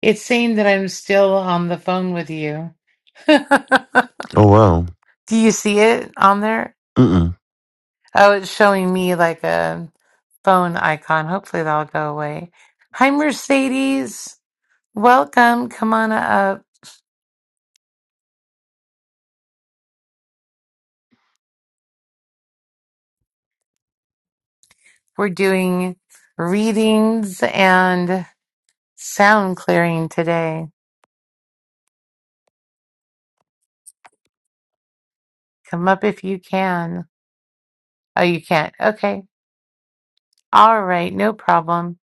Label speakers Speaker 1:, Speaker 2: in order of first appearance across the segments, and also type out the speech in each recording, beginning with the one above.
Speaker 1: It's saying that I'm still on the phone with you. Do
Speaker 2: Oh wow.
Speaker 1: you see it on there?
Speaker 2: Mm-mm.
Speaker 1: Oh, it's showing me like a phone icon. Hopefully that'll go away. Hi, Mercedes. Welcome. Come on up. We're doing readings and sound clearing today. Come up if you can. Oh, you can't. Okay. All right. No problem.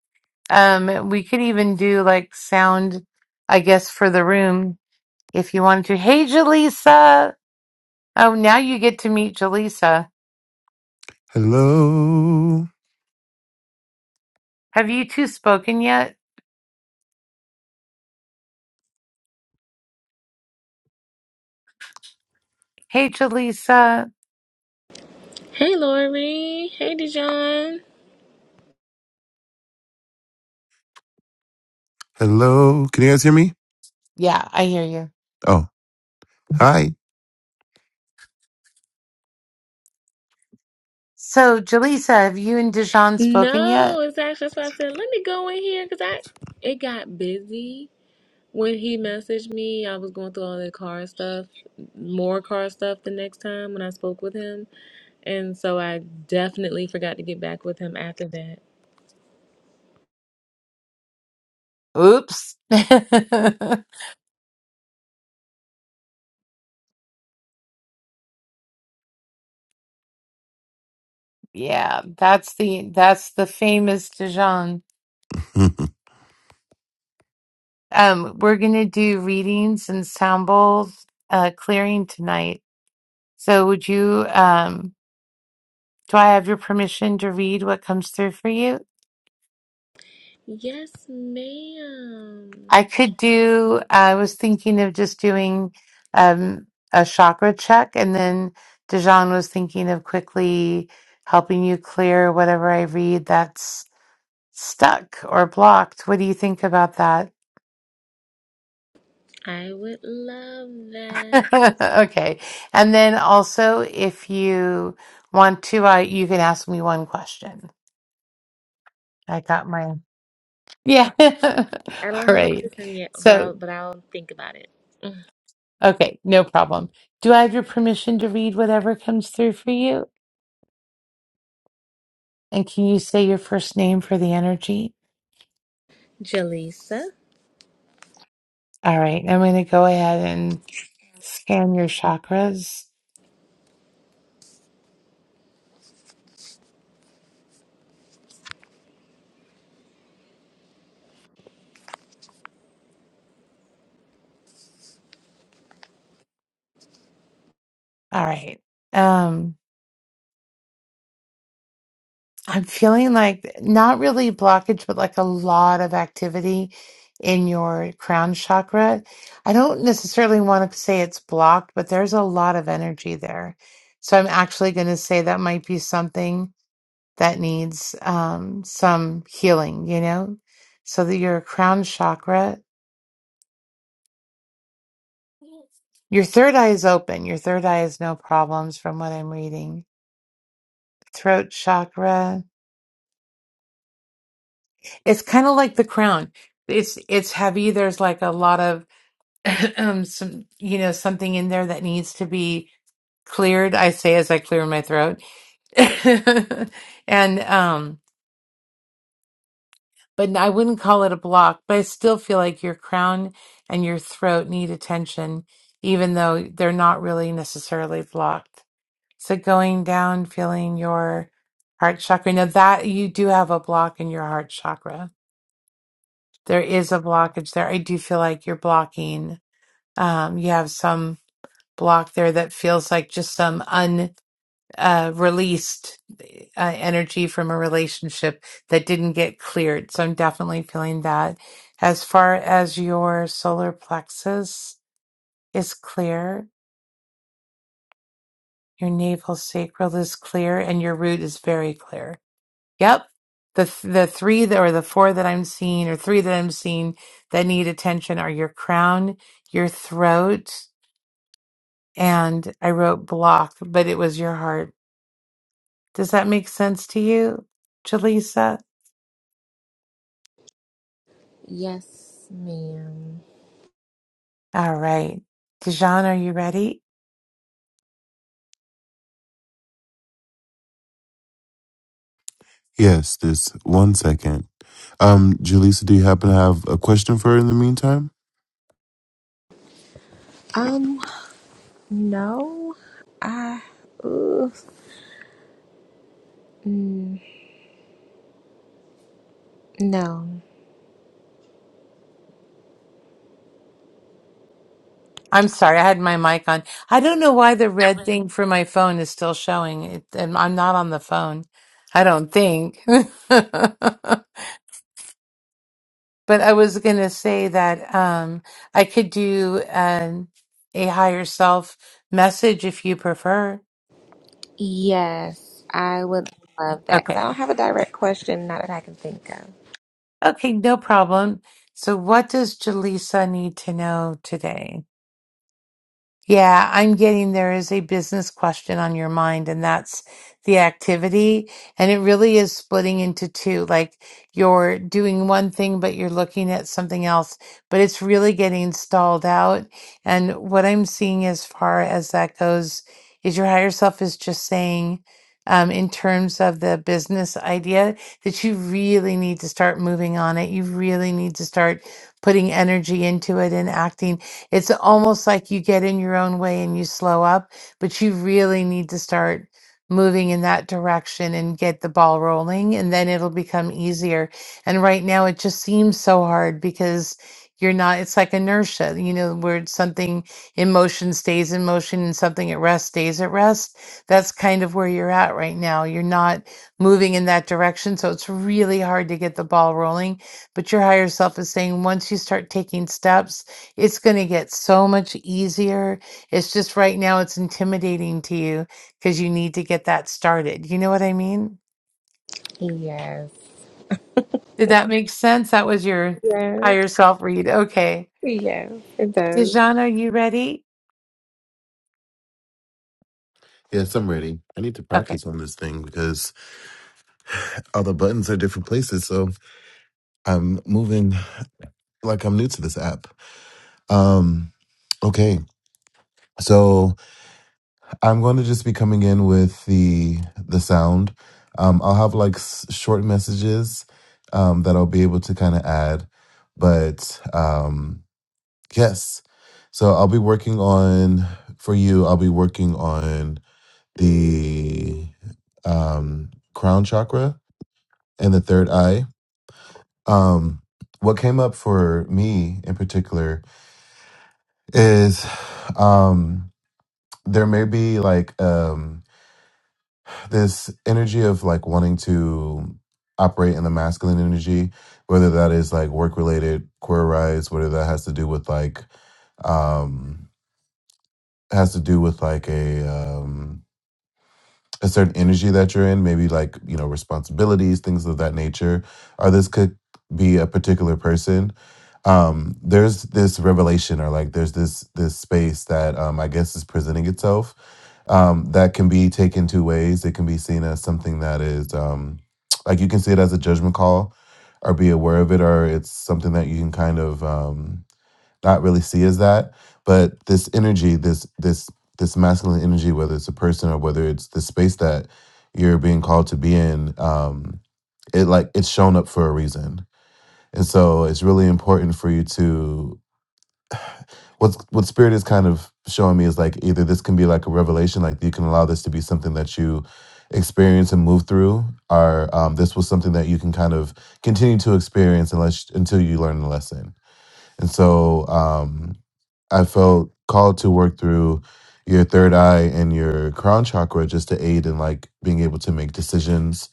Speaker 1: Um, we could even do like sound, I guess, for the room. if you want to. Hey, Jaleesa. Oh, now you get to meet Jaleesa.
Speaker 2: Hello.
Speaker 1: Have you two spoken yet? Hey, Jaleesa.
Speaker 3: Hey Lori. Hey Dijon.
Speaker 2: Hello. Can you guys hear me?
Speaker 1: Yeah, I hear you.
Speaker 2: Oh, hi.
Speaker 1: So, Jaleesa, have you and Dijon spoken
Speaker 3: No,
Speaker 1: yet?
Speaker 3: exactly. That's why I said let me go in here because I it got busy when he messaged me. I was going through all the car stuff, more car stuff the next time when I spoke with him. And so I definitely forgot to get back with him after that.
Speaker 1: Oops. yeah, that's the that's the famous Dijon. Um, we're gonna do readings and sound bowls uh, clearing tonight. So, would you? Um, do I have your permission to read what comes through for you?
Speaker 3: Yes, ma'am.
Speaker 1: I could do, I was thinking of just doing um, a chakra check, and then Dijon was thinking of quickly helping you clear whatever I read that's stuck or blocked. What do you think about that?
Speaker 3: I would love that.
Speaker 1: Okay. And then also, if you want to, uh, you can ask me one question. I got my, yeah.
Speaker 3: I
Speaker 1: All
Speaker 3: don't have a
Speaker 1: right.
Speaker 3: question yet, but I'll,
Speaker 1: So,
Speaker 3: but I'll think about it. Mm.
Speaker 1: okay, no problem. Do I have your permission to read whatever comes through for you? And can you say your first name for the energy?
Speaker 3: Jalisa?
Speaker 1: All right. I'm going to go ahead and scan your chakras. All right. Um, I'm feeling like not really blockage, but like a lot of activity in your crown chakra. I don't necessarily want to say it's blocked, but there's a lot of energy there. So I'm actually going to say that might be something that needs um, some healing, you know? So that your crown chakra Your third eye is open. Your third eye is no problems from what I'm reading. Throat chakra. It's kind of like the crown. It's it's heavy. There's like a lot of um some you know something in there that needs to be cleared. I say as I clear my throat. And um but I wouldn't call it a block, but I still feel like your crown and your throat need attention even though they're not really necessarily blocked. So going down, feeling your heart chakra. Now that you do have a block in your heart chakra. There is a blockage there. I do feel like you're blocking. Um, you have some block there that feels like just some un uh, released uh, energy from a relationship that didn't get cleared. So I'm definitely feeling that. As far as your solar plexus is clear, your navel sacral is clear, and your root is very clear Yep. The th- the three that, or the four that I'm seeing or three that I'm seeing that need attention are your crown, your throat, and I wrote block, but it was your heart. Does that make sense to you, Jaleesa?
Speaker 3: Yes, ma'am.
Speaker 1: All right. Dijon, are you ready?
Speaker 2: yes, this one second. Um, Julissa, do you happen to have a question for her in the meantime?
Speaker 3: Um, no. I, ugh, mm, no.
Speaker 1: I'm sorry, I had my mic on. I don't know why the red thing for my phone is still showing. It, and I'm not on the phone. I don't think. But I was gonna say that um, I could do um, a higher self message if you prefer.
Speaker 3: Yes, I would love that because I
Speaker 1: Okay.
Speaker 3: don't have a direct question, not that I can think of.
Speaker 1: Okay, no problem. So, what does Jaleesa need to know today? Yeah, I'm getting there is a business question on your mind, and that's the activity. And it really is splitting into two. Like you're doing one thing, but you're looking at something else, but it's really getting stalled out. And what I'm seeing as far as that goes is your higher self is just saying, um, in terms of the business idea, that you really need to start moving on it. You really need to start putting energy into it and acting. It's almost like you get in your own way and you slow up, but you really need to start moving in that direction and get the ball rolling, and then it'll become easier. And right now, it just seems so hard because you're not, it's like inertia, you know, where something in motion stays in motion and something at rest stays at rest. That's kind of where you're at right now. You're not moving in that direction. So it's really hard to get the ball rolling. But your higher self is saying once you start taking steps, it's going to get so much easier. It's just right now it's intimidating to you because you need to get that started. You know what I mean?
Speaker 3: Yes.
Speaker 1: Did that make sense? That was your
Speaker 3: Yes.
Speaker 1: higher self read. Okay.
Speaker 3: Yes, it does.
Speaker 1: Dijon, are you ready?
Speaker 2: Yes, I'm ready. I need to
Speaker 1: Okay.
Speaker 2: practice on this thing because all the buttons are different places, so I'm moving like I'm new to this app. Um, okay. So I'm going to just be coming in with the the sound. Um, I'll have like s- short messages um, that I'll be able to kind of add, but um, yes. So I'll be working on for you. I'll be working on the um, crown chakra and the third eye. Um, what came up for me in particular is um, there may be like. Um, this energy of like wanting to operate in the masculine energy, whether that is like work related, queer rights, whether that has to do with like um has to do with like a um a certain energy that you're in, maybe like, you know, responsibilities, things of that nature, or this could be a particular person. Um, there's this revelation or like there's this this space that um I guess is presenting itself um, that can be taken two ways. It can be seen as something that is um, like you can see it as a judgment call or be aware of it, or it's something that you can kind of um, not really see as that. But this energy, this this this masculine energy, whether it's a person or whether it's the space that you're being called to be in, um, it like it's shown up for a reason. And so it's really important for you to what's what spirit is kind of showing me is like either this can be like a revelation like you can allow this to be something that you experience and move through or um, this was something that you can kind of continue to experience unless until you learn the lesson and so um, i felt called to work through your third eye and your crown chakra just to aid in like being able to make decisions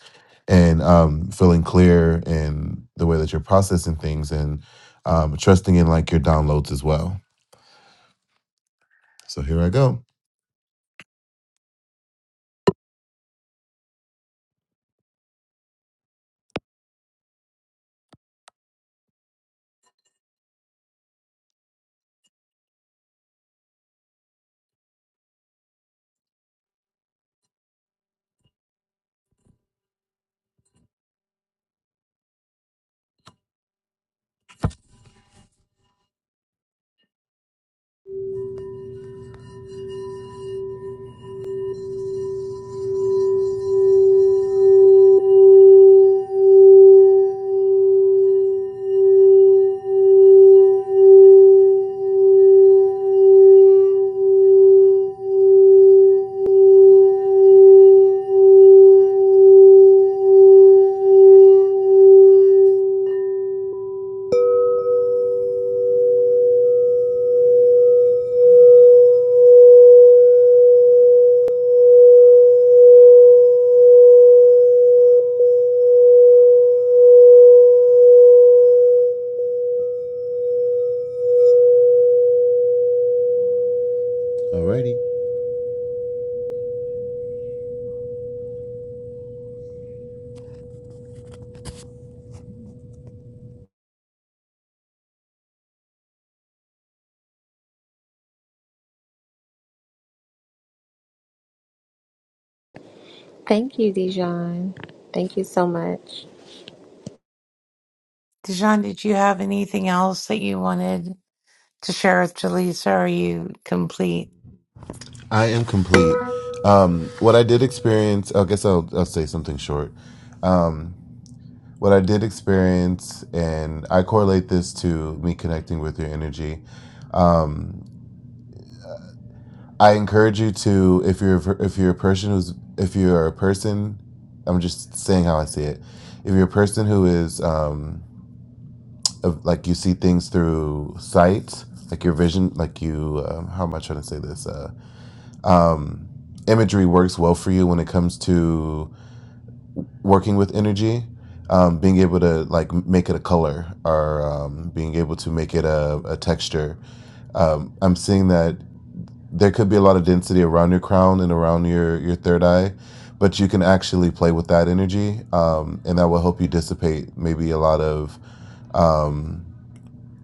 Speaker 2: and um, feeling clear in the way that you're processing things and um, trusting in like your downloads as well so here I go. Alrighty.
Speaker 3: Thank you, Dijon. Thank you so much.
Speaker 1: Dijon, did you have anything else that you wanted to share with Jaleesa? Are you complete?
Speaker 2: I am complete. Um, what I did experience, I guess I'll, I'll say something short. Um, what I did experience, and I correlate this to me connecting with your energy. Um, I encourage you to, if you're if you're a person who's if you're a person, I'm just saying how I see it. If you're a person who is um, of, like you see things through sight, like your vision, like you, um, how am I trying to say this? Uh, um, imagery works well for you when it comes to working with energy um, being able to like make it a color or um, being able to make it a, a texture um, i'm seeing that there could be a lot of density around your crown and around your, your third eye but you can actually play with that energy um, and that will help you dissipate maybe a lot of um,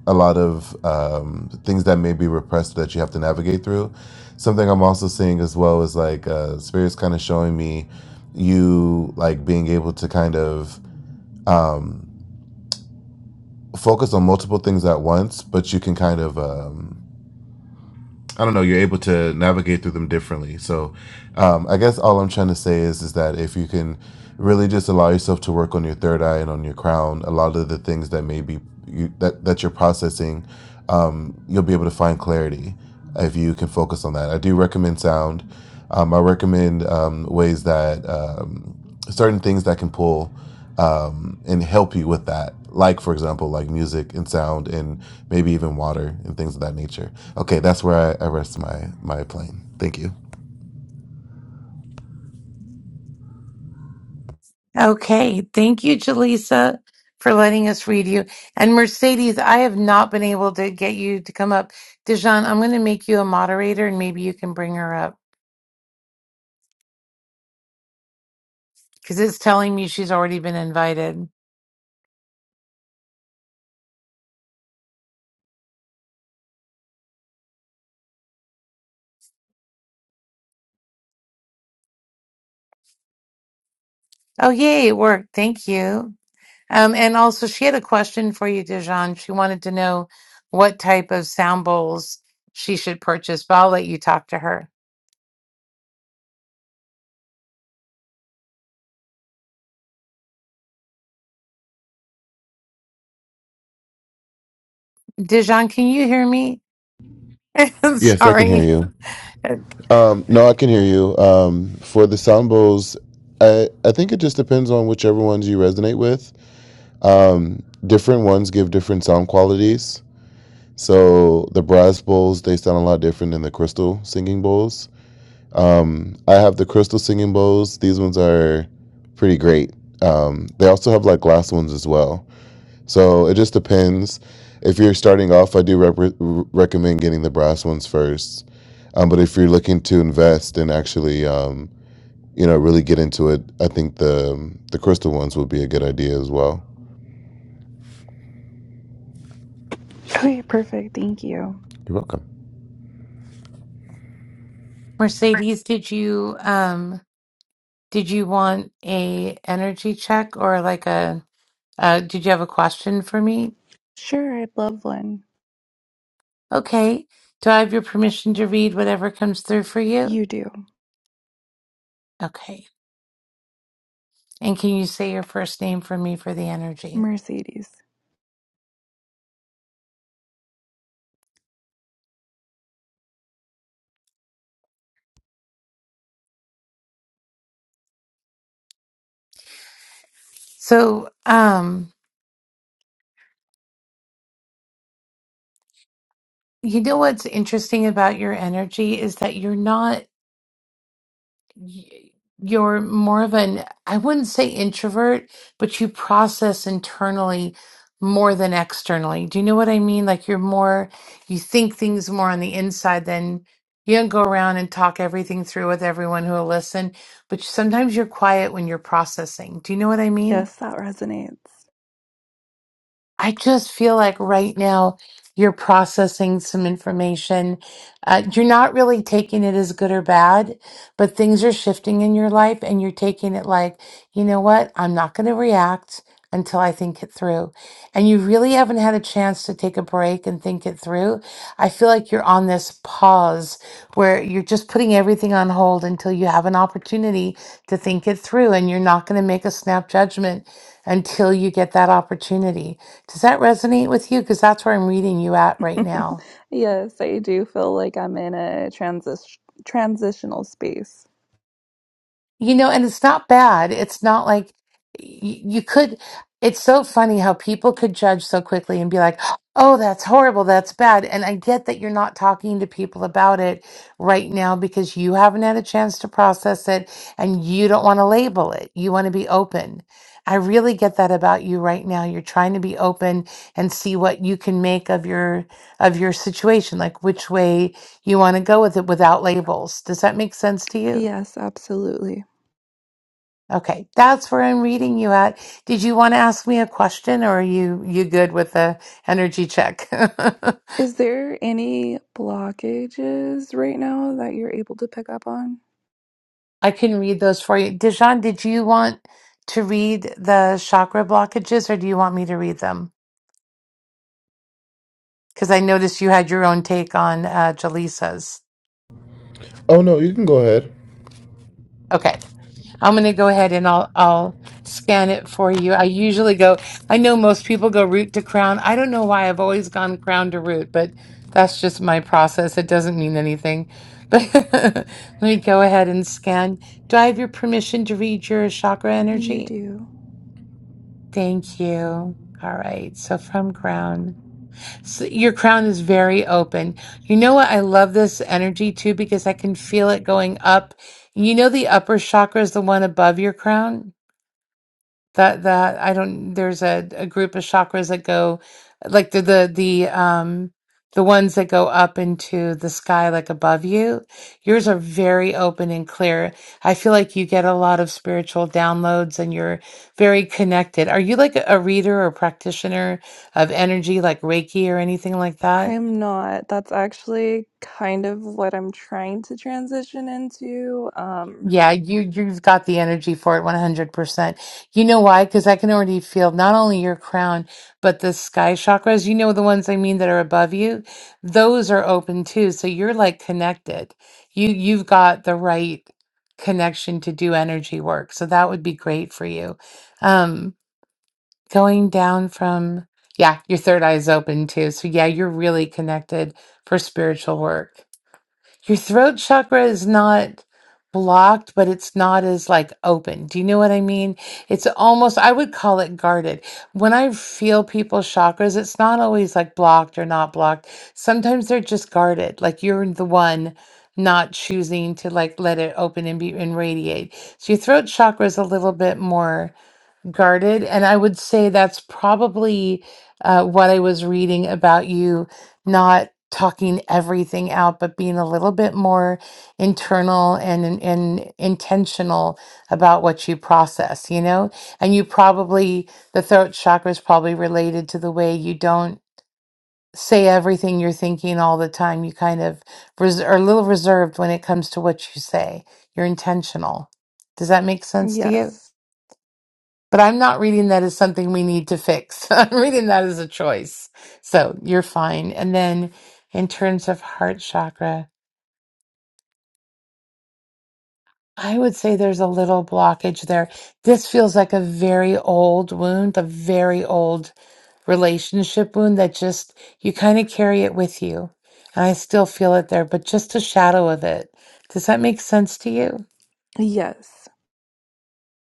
Speaker 2: a lot of um, things that may be repressed that you have to navigate through. Something I'm also seeing as well is like uh, spirits kind of showing me you like being able to kind of um, focus on multiple things at once, but you can kind of um, I don't know you're able to navigate through them differently. So um, I guess all I'm trying to say is is that if you can really just allow yourself to work on your third eye and on your crown a lot of the things that may be you, that, that you're processing um, you'll be able to find clarity if you can focus on that i do recommend sound um, i recommend um, ways that um, certain things that can pull um, and help you with that like for example like music and sound and maybe even water and things of that nature okay that's where i, I rest my my plane thank you
Speaker 1: Okay. Thank you, Jaleesa, for letting us read you. And Mercedes, I have not been able to get you to come up. Dijon, I'm going to make you a moderator and maybe you can bring her up because it's telling me she's already been invited. Oh, yay. It worked. Thank you. Um, and also, she had a question for you, Dijon. She wanted to know what type of sound bowls she should purchase, but I'll let you talk to her. Dijon, can you hear me?
Speaker 2: yes i can hear
Speaker 1: Sorry.
Speaker 2: you Um, no, I can hear you. Um, for the sambos, I, I think it just depends on whichever ones you resonate with. Um, different ones give different sound qualities. So the brass bowls they sound a lot different than the crystal singing bowls. Um, I have the crystal singing bowls. These ones are pretty great. Um, they also have like glass ones as well. So it just depends. If you're starting off, I do rep- recommend getting the brass ones first. Um, but if you're looking to invest and actually, um, you know, really get into it, I think the the crystal ones would be a good idea as well.
Speaker 4: Okay, perfect. Thank you.
Speaker 2: You're welcome.
Speaker 1: Mercedes, did you? Um, Did you want a energy check or like a uh did you have a question for me?
Speaker 4: Sure, I'd love one.
Speaker 1: Okay. Do I have your permission to read whatever comes through for you?
Speaker 4: You do.
Speaker 1: Okay. And can you say your first name for me for the energy?
Speaker 4: Mercedes.
Speaker 1: So, um, you know what's interesting about your energy is that you're not y- you're more of an, I wouldn't say introvert, but you process internally more than externally. Do you know what I mean? Like you're more, you think things more on the inside than you don't go around and talk everything through with everyone who will listen, but sometimes you're quiet when you're processing. Do you know what I mean?
Speaker 4: Yes, that resonates.
Speaker 1: I just feel like right now you're processing some information. Uh, you're not really taking it as good or bad, but things are shifting in your life and you're taking it like, you know what? I'm not going to react until I think it through. And you really haven't had a chance to take a break and think it through. I feel like you're on this pause where you're just putting everything on hold until you have an opportunity to think it through and you're not going to make a snap judgment until you get that opportunity. Does that resonate with you? Because that's where I'm reading you at right now.
Speaker 4: yes, I do feel like I'm in a transis- transitional space.
Speaker 1: You know, and it's not bad. It's not like you, you could. It's so funny how people could judge so quickly and be like, oh, that's horrible. That's bad. And I get that you're not talking to people about it right now because you haven't had a chance to process it and you don't want to label it. You want to be open. I really get that about you right now. You're trying to be open and see what you can make of your of your situation, like which way you want to go with it without labels. Does that make sense to you?
Speaker 4: Yes, absolutely.
Speaker 1: Okay, that's where I'm reading you at. Did you want to ask me a question or are you you good with the energy check?
Speaker 4: Is there any blockages right now that you're able to pick up on?
Speaker 1: I can read those for you. Dijon, did you want to read the chakra blockages or do you want me to read them? Because I noticed you had your own take on uh, Jaleesa's.
Speaker 2: Oh no, you can go ahead.
Speaker 1: Okay. I'm going to go ahead and I'll I'll scan it for you. I usually go, I know most people go root to crown. I don't know why I've always gone crown to root, but that's just my process. It doesn't mean anything. But let me go ahead and scan. Do I have your permission to read your chakra
Speaker 4: You
Speaker 1: energy?
Speaker 4: do.
Speaker 1: Thank you. All right. So from crown. So your crown is very open. You know what? I love this energy too because I can feel it going up. You know the upper chakra is the one above your crown? that that I don't there's a, a group of chakras that go like the the the um the ones that go up into the sky like above you yours are very open and clear i feel like you get a lot of spiritual downloads and you're very connected are you like a reader or practitioner of energy like reiki or anything like that
Speaker 4: I am not. That's actually kind of what I'm trying to transition into. Um,
Speaker 1: Yeah, you you've got the energy for it 100%. You know why? Because I can already feel not only your crown, but the sky chakras, you know the ones I mean that are above you, those are open too. So you're like connected. You you've got the right connection to do energy work. So that would be great for you. Um going down from yeah, your third eye is open too. So yeah, you're really connected for spiritual work your throat chakra is not blocked but it's not as like open do you know what i mean it's almost i would call it guarded when i feel people's chakras it's not always like blocked or not blocked sometimes they're just guarded like you're the one not choosing to like let it open and be and radiate so your throat chakra is a little bit more guarded and i would say that's probably uh, what i was reading about you not talking everything out but being a little bit more internal and, and, and intentional about what you process you know and you probably the throat chakra is probably related to the way you don't say everything you're thinking all the time you kind of res- are a little reserved when it comes to what you say you're intentional does that make sense to you
Speaker 4: yes.
Speaker 1: but I'm not reading that as something we need to fix. I'm reading that as a choice. So you're fine. And then in terms of heart chakra, I would say there's a little blockage there. This feels like a very old wound, a very old relationship wound that just, you kind of carry it with you. And I still feel it there, but just a shadow of it. Does that make sense to you?
Speaker 4: Yes.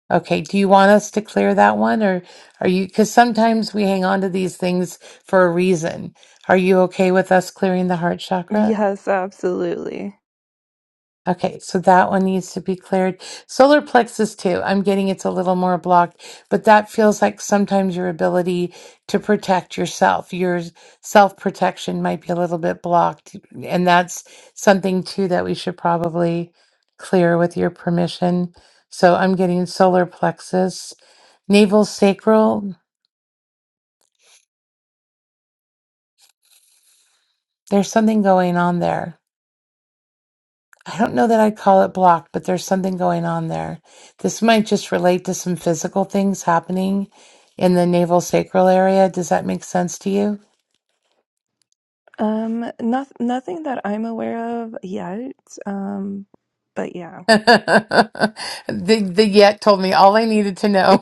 Speaker 1: Okay, do you want us to clear that one or are you, because sometimes we hang on to these things for a reason. Are you okay with us clearing the heart chakra?
Speaker 4: Yes, absolutely.
Speaker 1: Okay, so that one needs to be cleared. Solar plexus too. I'm getting it's a little more blocked, but that feels like sometimes your ability to protect yourself, your self protection might be a little bit blocked. And that's something too that we should probably clear with your permission. So I'm getting solar plexus, navel sacral. There's something going on there. I don't know that I'd call it blocked, but there's something going on there. This might just relate to some physical things happening in the navel sacral area. Does that make sense to you?
Speaker 4: Um, not, nothing that I'm aware of yet. Um, but yeah,
Speaker 1: the the yet told me all I needed to know.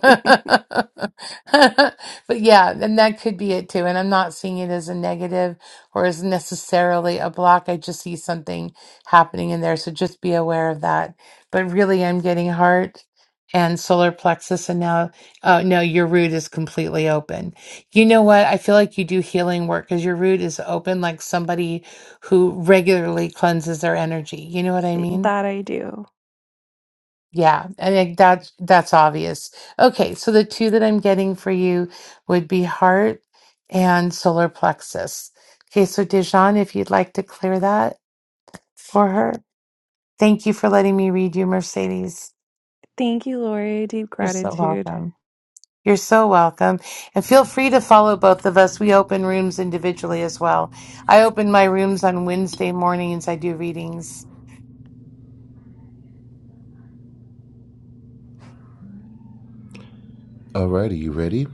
Speaker 1: But yeah, and that could be it too. And I'm not seeing it as a negative or as necessarily a block. I just see something happening in there. So just be aware of that. But really, I'm getting heart and solar plexus. And now, oh no, your root is completely open. You know what? I feel like you do healing work because your root is open, like somebody who regularly cleanses their energy. You know what I mean?
Speaker 4: that I do.
Speaker 1: Yeah, I think that's that's obvious. Okay, so the two that I'm getting for you would be heart and solar plexus. Okay, so Dijon, if you'd like to clear that for her. Thank you for letting me read you, Mercedes.
Speaker 4: Thank you, Lori. Deep
Speaker 1: You're so
Speaker 4: gratitude.
Speaker 1: welcome. You're so welcome. And feel free to follow both of us. We open rooms individually as well. I open my rooms on Wednesday mornings. I do readings.
Speaker 2: Alrighty, you ready?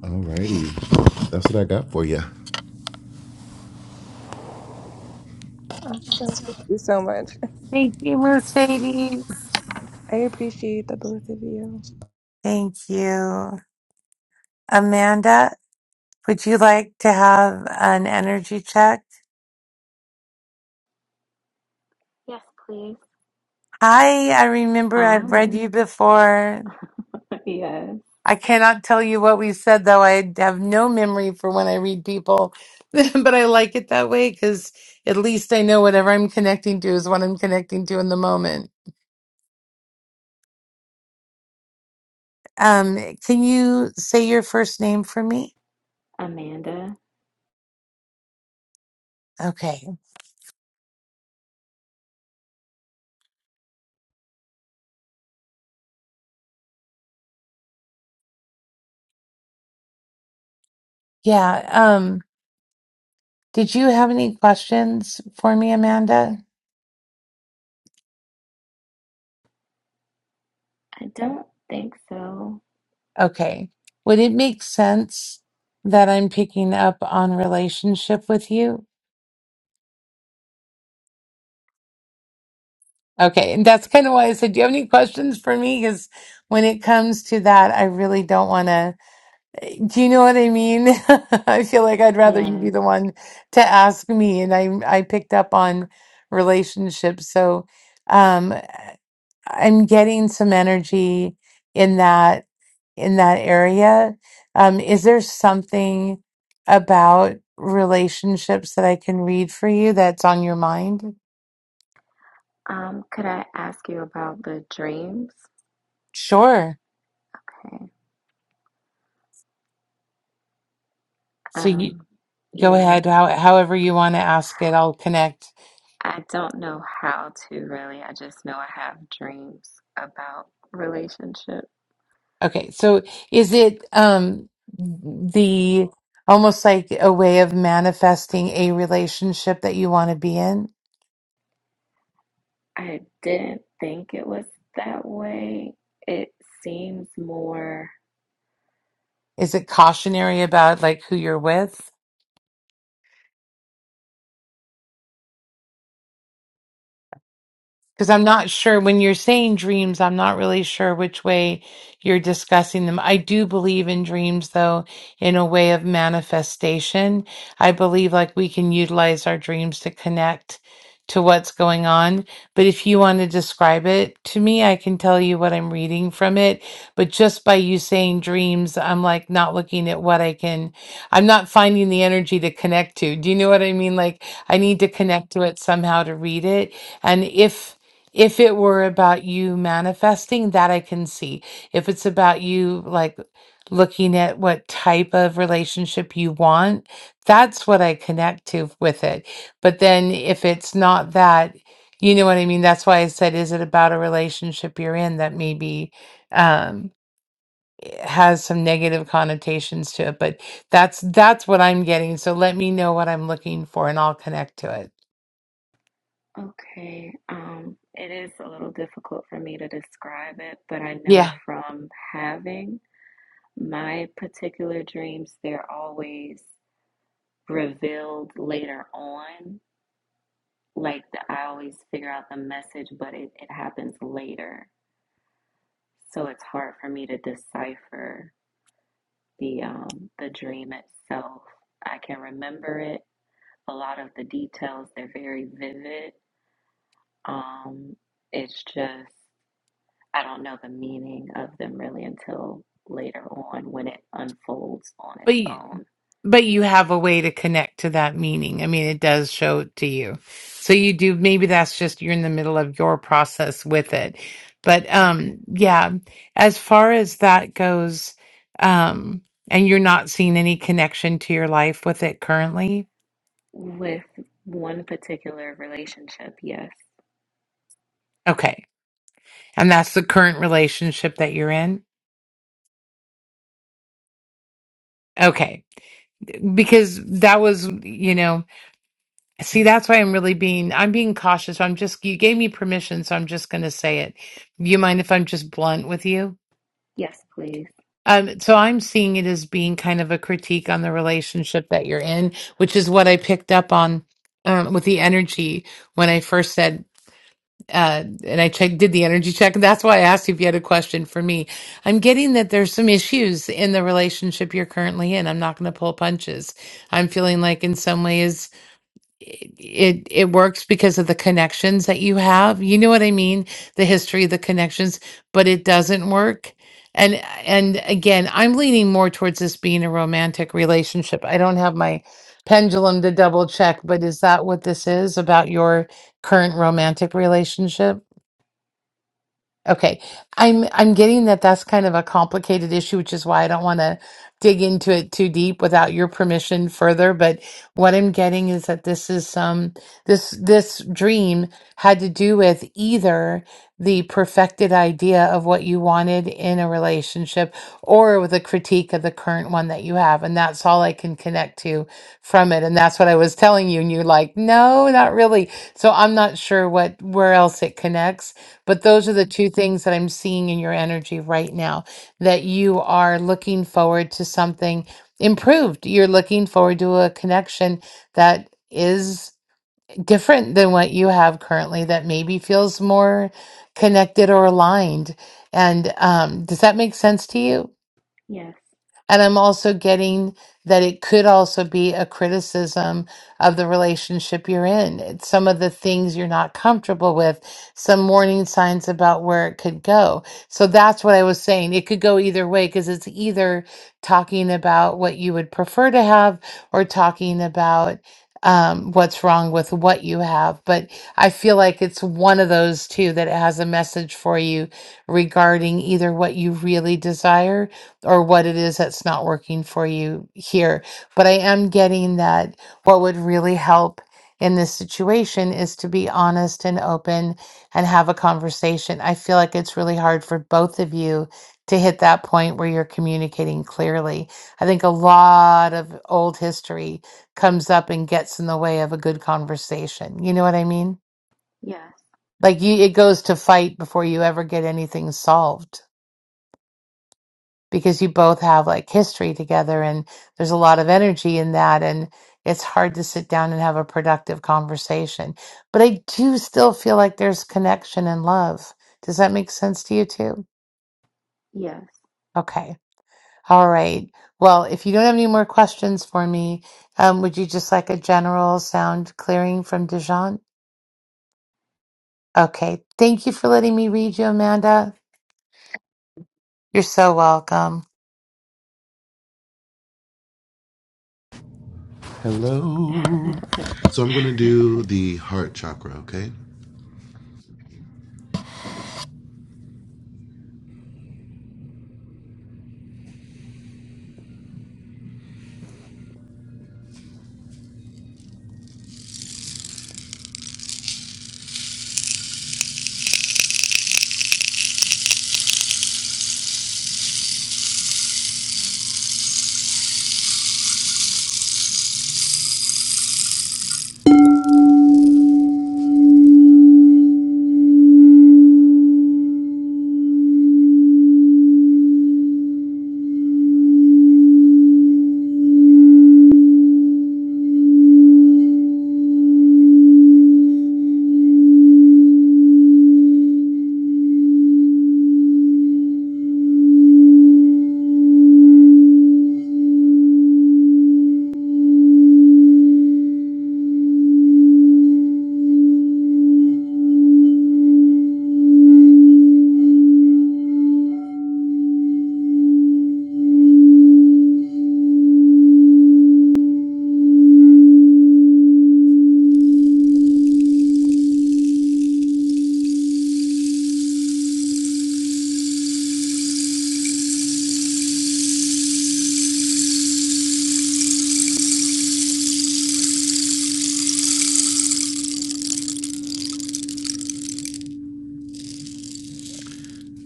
Speaker 2: Alrighty, that's what I got for you.
Speaker 4: Awesome. Thank you so much.
Speaker 1: Thank you, Mercedes.
Speaker 4: I appreciate the both of you.
Speaker 1: Thank you. Amanda? Would you like to have an energy check?
Speaker 5: Yes, please.
Speaker 1: Hi, I remember
Speaker 5: Hi.
Speaker 1: I've read you before.
Speaker 5: Yes.
Speaker 1: I cannot tell you what we said, though. I have no memory for when I read people, but I like it that way because at least I know whatever I'm connecting to is what I'm connecting to in the moment. Um, can you say your first name for me?
Speaker 5: Amanda.
Speaker 1: Okay. Yeah. Um, did you have any questions for me, Amanda?
Speaker 5: I don't think so.
Speaker 1: Okay. Would it make sense that I'm picking up on relationship with you? Okay. And that's kind of why I said, do you have any questions for me? Because when it comes to that, I really don't want to. Do you know what I mean? I feel like I'd rather you
Speaker 5: Yes.
Speaker 1: be the one to ask me. And I, I picked up on relationships. So, um, I'm getting some energy in that. in that area. Um, is there something about relationships that I can read for you that's on your mind?
Speaker 5: Um, could I ask you about the dreams?
Speaker 1: Sure.
Speaker 5: Okay.
Speaker 1: So you
Speaker 5: Um,
Speaker 1: go
Speaker 5: yeah.
Speaker 1: ahead, how, however you want to ask it, I'll connect.
Speaker 5: I don't know how to really. I just know I have dreams about relationship.
Speaker 1: Okay. So is it um, the almost like a way of manifesting a relationship that you want to be in?
Speaker 5: I didn't think it was that way. It seems more
Speaker 1: Is it cautionary about like who you're with? Because I'm not sure when you're saying dreams, I'm not really sure which way you're discussing them. I do believe in dreams, though, in a way of manifestation. I believe like we can utilize our dreams to connect to what's going on. But if you want to describe it to me, I can tell you what I'm reading from it. But just by you saying dreams, I'm like not looking at what I can, I'm not finding the energy to connect to. Do you know what I mean? Like I need to connect to it somehow to read it. And if, if it were about you manifesting, that I can see. If it's about you, like looking at what type of relationship you want, that's what I connect to with it. But then if it's not that, you know what I mean? That's why I said, is it about a relationship you're in that maybe um has some negative connotations to it but that's that's what i'm getting so let me know what i'm looking for and i'll connect to it
Speaker 5: Okay, um, it is a little difficult for me to describe it, but I
Speaker 1: Yeah.
Speaker 5: know from having My particular dreams, they're always revealed later on. Like the, I always figure out the message, but it, it happens later. So it's hard for me to decipher the um, the dream itself. I can remember it. A lot of the details, they're very vivid. Um, it's just I don't know the meaning of them really until later on when it unfolds on
Speaker 1: But
Speaker 5: its
Speaker 1: you,
Speaker 5: own.
Speaker 1: but you have a way to connect to that meaning. I mean, it does show it to you. So you do, maybe that's just you're in the middle of your process with it. But
Speaker 5: Okay.
Speaker 1: um yeah, as far as that goes, um and you're not seeing any connection to your life with it currently.
Speaker 5: With one particular relationship, yes.
Speaker 1: Okay. And that's the current relationship that you're in. Okay. Because that was, you know, See, that's why I'm really being I'm being cautious. I'm just you gave me permission, so I'm just going to say it. You mind if I'm just blunt with you?
Speaker 5: Yes, please.
Speaker 1: Um, so I'm seeing it as being kind of a critique on the relationship that you're in, which is what I picked up on um, with the energy when I first said, uh, and I checked, did the energy check. And that's why I asked you if you had a question for me. I'm getting that there's some issues in the relationship you're currently in. I'm not going to pull punches. I'm feeling like in some ways it it it works because of the connections that you have. You know what I mean? The history, the connections, but it doesn't work. And and again, I'm leaning more towards this being a romantic relationship. I don't have my pendulum to double check, but is that what this is about your current romantic relationship? Okay. I'm I'm getting that that's kind of a complicated issue, which is why I don't want to dig into it too deep without your permission further, but what I'm getting is that this is um this this dream had to do with either the perfected idea of what you wanted in a relationship or with a critique of the current one that you have, and that's all I can connect to from it. And that's what I was telling you, and you're like, "No, not really." So I'm not sure what where else it connects but those are the two things that I'm seeing in your energy right now that you are looking forward to something improved. You're looking forward to a connection that is different than what you have currently, that maybe feels more connected or aligned. And um, does that make sense to you?
Speaker 5: Yes,
Speaker 1: And I'm also getting that it could also be a criticism of the relationship you're in. It's some of the things you're not comfortable with, some warning signs about where it could go. So that's what I was saying. It could go either way because it's either talking about what you would prefer to have or talking about um, what's wrong with what you have. But I feel like it's one of those two that it has a message for you regarding either what you really desire or what it is that's not working for you here. But I am getting that what would really help in this situation is to be honest and open and have a conversation. I feel like it's really hard for both of you to hit that point where you're communicating clearly. I think a lot of old history comes up and gets in the way of a good conversation. You know what I mean?
Speaker 5: yes,
Speaker 1: Like you it goes to fight before you ever get anything solved because you both have like history together and there's a lot of energy in that and it's hard to sit down and have a productive conversation. But I do still feel like there's connection and love. Does that make sense to you too?
Speaker 5: yes.
Speaker 1: Okay. All right. Well, if you don't have any more questions for me, um, would you just like a general sound clearing from Dijon? Okay. Thank you for letting me read you, Amanda. You're so welcome.
Speaker 2: Hello. So I'm gonna do the heart chakra. Okay.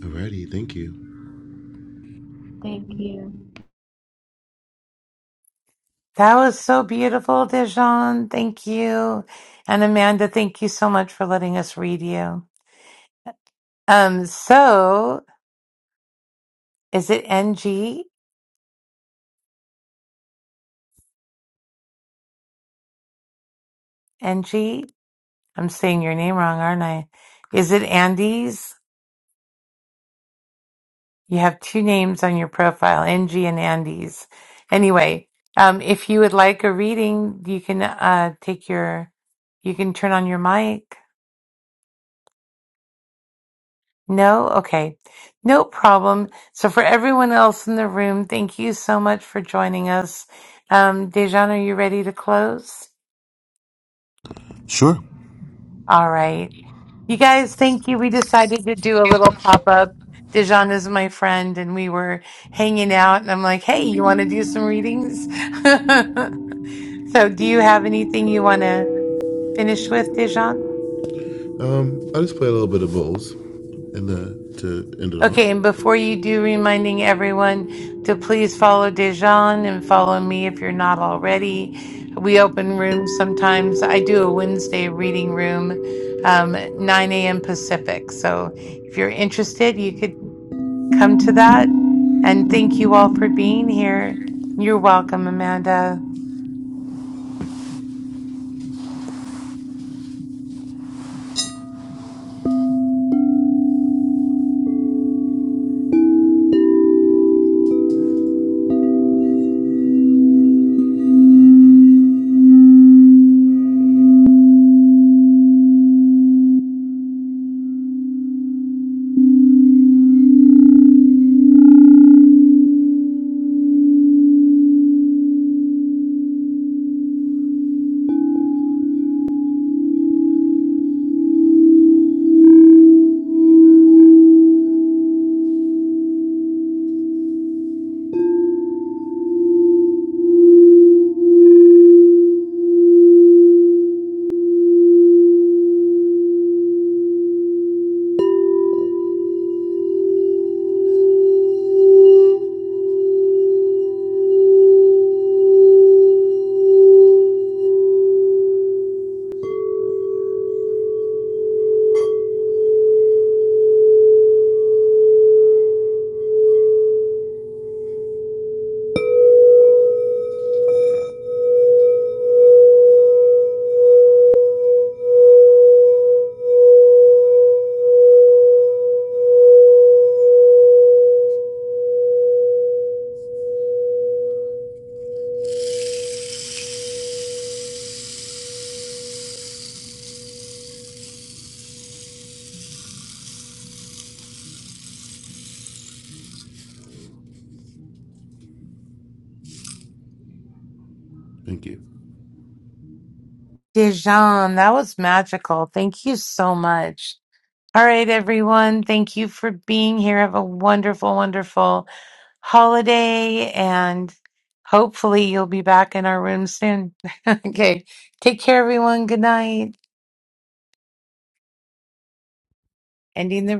Speaker 2: Alrighty, thank you.
Speaker 5: Thank you.
Speaker 1: That was so beautiful, Dijon. Thank you. And Amanda, thank you so much for letting us read you. Um, so is it NG? NG? I'm saying your name wrong, aren't I? Is it Andes? You have two names on your profile, NG and Andes. Anyway, um, if you would like a reading, you can uh, take your, you can turn on your mic. No? Okay. No problem. So for everyone else in the room, thank you so much for joining us. Um, Dejan, are you ready to close?
Speaker 2: Sure.
Speaker 1: All right. You guys, thank you. We decided to do a little pop-up. Dejan is my friend and we were hanging out and I'm like, hey, you want to do some readings? so do you have anything you want to finish with, Dejan?
Speaker 2: Um, I just play a little bit of bowls, and the to end it off.
Speaker 1: Okay, and before you do, reminding everyone to please follow Dejan and follow me if you're not already. We open rooms sometimes. I do a Wednesday reading room, um, 9 a.m. Pacific. So if you're interested, you could come to that. And thank you all for being here. You're welcome, Amanda.
Speaker 2: Thank you.
Speaker 1: Dejan, that was magical. Thank you so much. All right, everyone. Thank you for being here. Have a wonderful, wonderful holiday and hopefully you'll be back in our room soon. okay. Take care, everyone. Good night. Ending the room.